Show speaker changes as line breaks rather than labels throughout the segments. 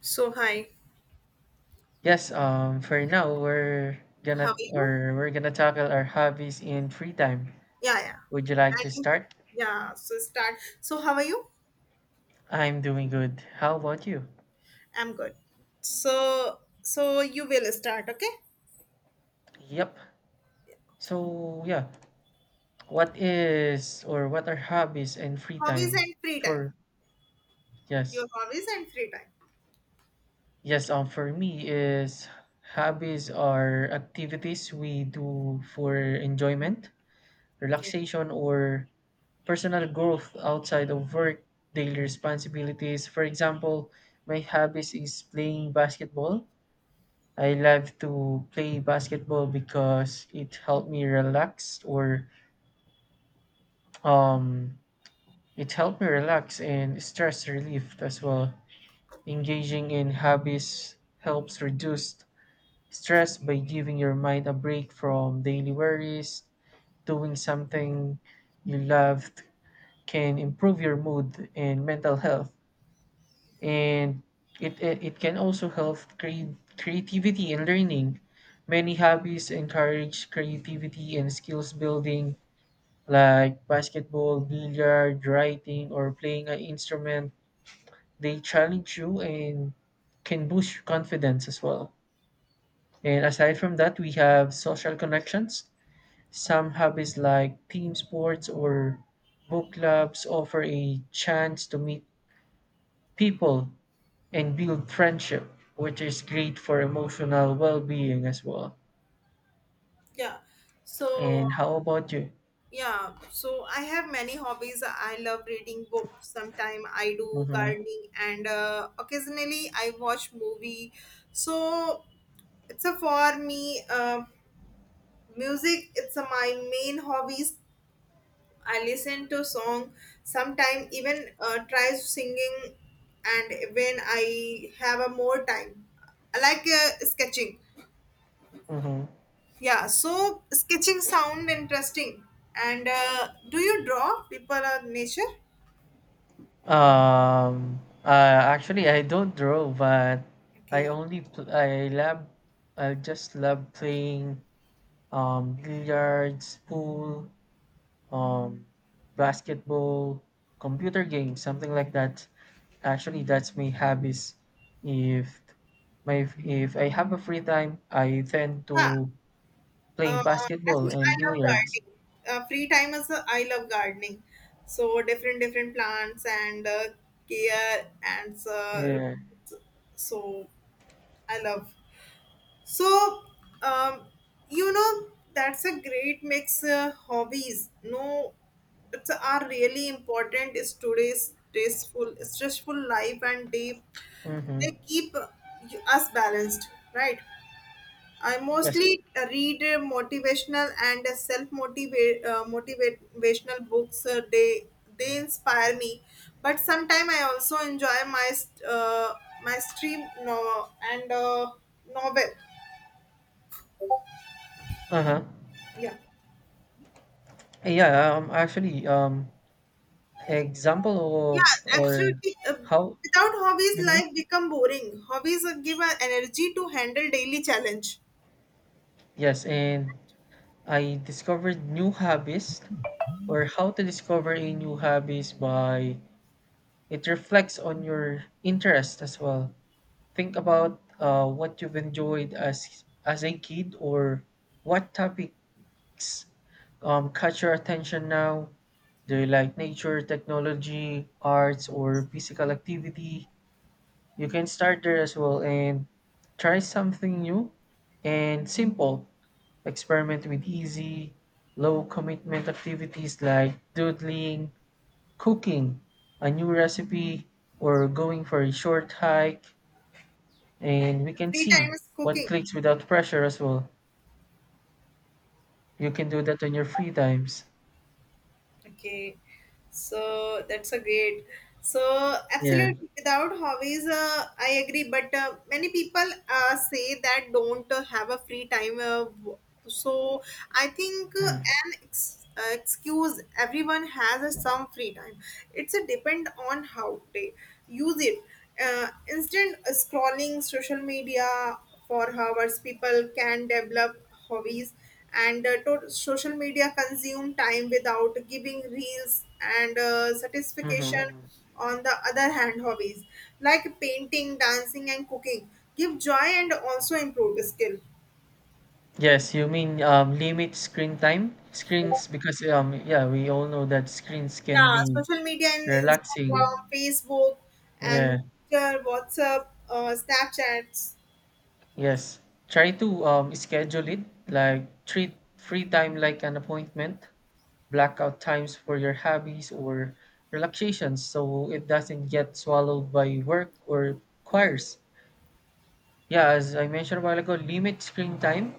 So hi,
Yes, for now we're
how
gonna
are you?
or we're gonna tackle our hobbies in free time.
Yeah, yeah.
Would you like to
And you?
start?
Yeah, so start. So how are you?
I'm doing good. How about you?
I'm good. So you will start, okay?
Yep. So yeah, what is or what are hobbies and free
Hobbies
time
and free time.
for? Yes.
Your hobbies and free time.
Yes, for me is hobbies are activities we do for enjoyment,
Okay.
relaxation, or personal growth outside of work, daily responsibilities. For example, my hobbies is playing basketball. I love to play basketball because it helped me relax or um it helped me relax and stress relief as well. Engaging in hobbies helps reduce stress by giving your mind a break from daily worries. Doing something you love can improve your mood and mental health. And it can also help create creativity and learning. Many hobbies encourage creativity and skills building, like basketball, billiard, writing, or playing an instrument. They challenge you and can boost confidence as well. And aside from that, we have social connections. Some hobbies like team sports or book clubs offer a chance to meet people and build friendship, which is great for emotional well-being as well.
Yeah. So
And how about you?
yeah, so I have many hobbies. I love reading books. Sometimes I do
Mm-hmm.
gardening and occasionally I watch movie. So it's a for me music. It's a, my main hobbies. I listen to song sometime even try singing, and when I have a more time I like sketching.
Mm-hmm.
Yeah, so sketching sound interesting, and do you draw people or nature?
Um, actually, I don't draw, but I
Okay.
only I love I just love playing billiards, pool, um, basketball, computer games, something like that. Actually, that's my hobbies. If my if I have a free time, I tend
Yeah,
to play
I
basketball
think I
and
love
billiards.
gardening. Free time is, I love gardening, so different plants and care and uh,
Yeah.
so I love. So, um, you know, that's a great mix. Hobbies, no, it's are really important. Is today's stressful life, and they
Mm-hmm.
they keep us balanced, right? I
Yes.
mostly read motivational and self motivate motivational books. They inspire me, but sometimes I also enjoy my stream no and novel.
Uh-huh.
Yeah.
Yeah, actually example
Yeah,
of or
absolutely.
how
Without hobbies,
hmm.
life become boring. Hobbies give an energy to handle daily challenge.
Yes, and I discovered new hobbies or how to discover a new hobbies by it reflects on your interest as well. Think about what you've enjoyed as a kid or what topics catch your attention now. Do you like nature, technology, arts, or physical activity? You can start there as well and try something new and simple. Experiment with easy, low commitment activities like doodling, cooking, a new recipe, or going for a short hike. And we can
Free time
see
is
what
cooking.
clicks without pressure as well. You can do that on your free times.
Okay, so that's a great. So
Yeah.
absolutely, without hobbies, I agree. But many people say that don't have a free time. So I think excuse everyone has a some free time. It's a depend on how they use it. Instant scrolling social media for hours, people can develop hobbies and social media consume time without giving reels and satisfaction.
Mm-hmm.
On the other hand, hobbies like painting, dancing and cooking give joy and also improve skill.
Yes, you mean limit screen time? Screens, because yeah, we all know that screens can
Yeah,
be
social media and Instagram,
relaxing.
Facebook
Yeah,
and Twitter, WhatsApp, Snapchats,
yes. Try to schedule it, like treat free time like an appointment, black out times for your hobbies or relaxations so it doesn't get swallowed by work or choirs. Yeah, as I mentioned a while ago, limit screen time.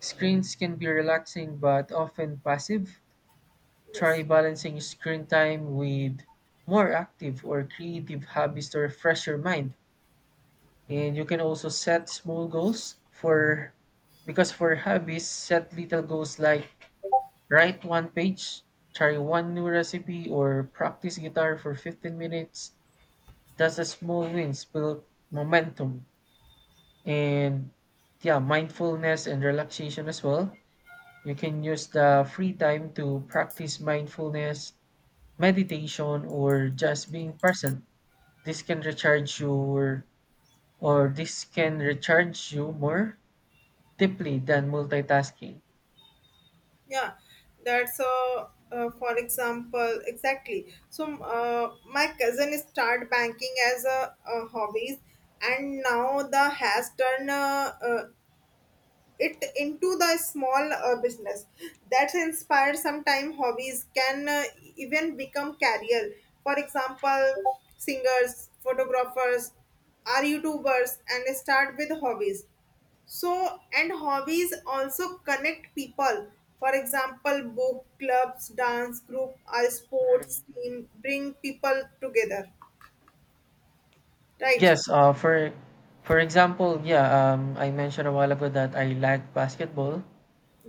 Screens can be relaxing but often passive. Try
yes.
balancing screen time with more active or creative hobbies to refresh your mind. And you can also set small goals for because for hobbies, set little goals like write one page, try one new recipe, or practice guitar for 15 minutes. That's a small wins build momentum. And yeah, mindfulness and relaxation as well. You can use the free time to practice mindfulness meditation or just being present. This can recharge you or this can recharge you more deeply than multitasking.
Yeah, that's for example, exactly. So my cousin started banking as a hobby, and now the has turned, it into the small business. That's inspired. Sometime hobbies can even become career, for example singers, photographers are youtubers and start with hobbies. So, and hobbies also connect people. For example, book clubs, dance group, our sports team bring people together, right?
Yes, for example, yeah, I mentioned a while ago that I like basketball.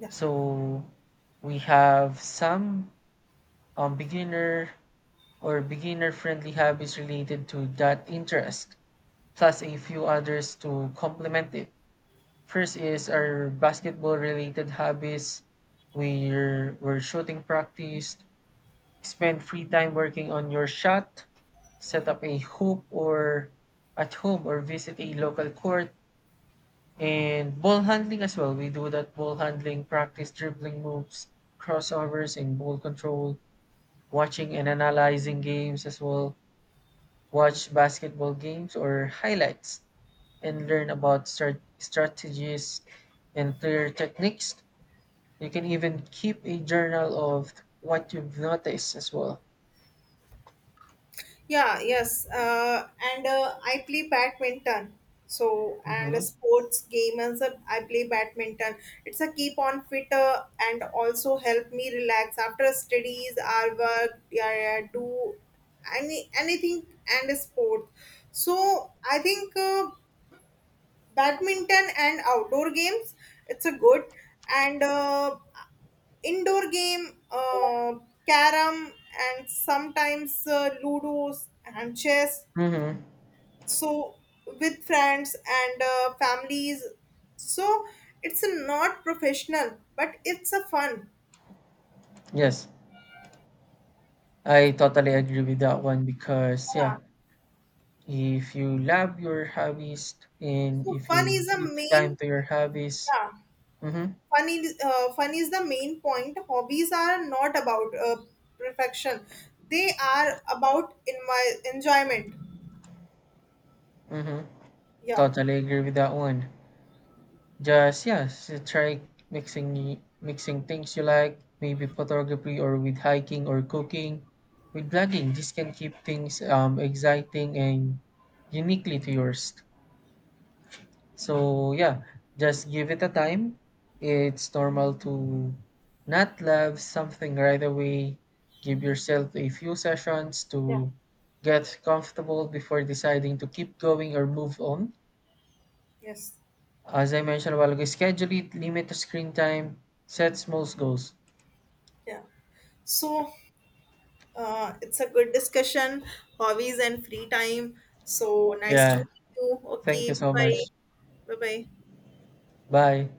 Yeah.
So we have some beginner or beginner-friendly hobbies related to that interest, plus a few others to complement it. First is our basketball related hobbies. We're shooting practice, spend free time working on your shot, set
Yeah.
up a hoop or at home or visit a local court, and ball handling as well. We do that ball handling, practice dribbling moves, crossovers, and ball control, watching and analyzing games as well, watch basketball games or highlights, and learn about strategies and player techniques. You can even keep a journal of what you've noticed as well.
Yeah, yes. And I play badminton. So, and a
Mhm.
sports game as a, I play badminton. It's a keep on fitter and also help me relax after studies, our work, yeah, yeah, do anything and a sport. So, I think badminton and outdoor games, it's a good and Indoor game, carom, and sometimes ludos and chess.
Mhm.
So with friends and families. So it's not professional, but it's a fun.
Yes. I totally agree with that one because yeah,
Yeah.
if you love your hobbies and
So
if
fun
you
is the
give time
main,
to your hobbies,
yeah.
mhm.
Fun is the main point. Hobbies are not about perfection; they are about in my enjoyment.
Mhm.
Yeah.
Totally agree with that one. Just yes, try mixing things you like, maybe photography or with hiking or cooking, with blogging. This can keep things exciting and uniquely to yours. So yeah, just give it a time. It's normal to not love something right away. Give yourself a few sessions
Yeah.
to get comfortable before deciding to keep going or move on.
Yes.
As I mentioned a while ago, schedule it, limit the screen time, set small goals.
Yeah. So it's a good discussion, hobbies and free time. So nice to
Yeah.
meet you.
Thank
Okay,
you
bye
so much.
bye. Bye bye.
Bye.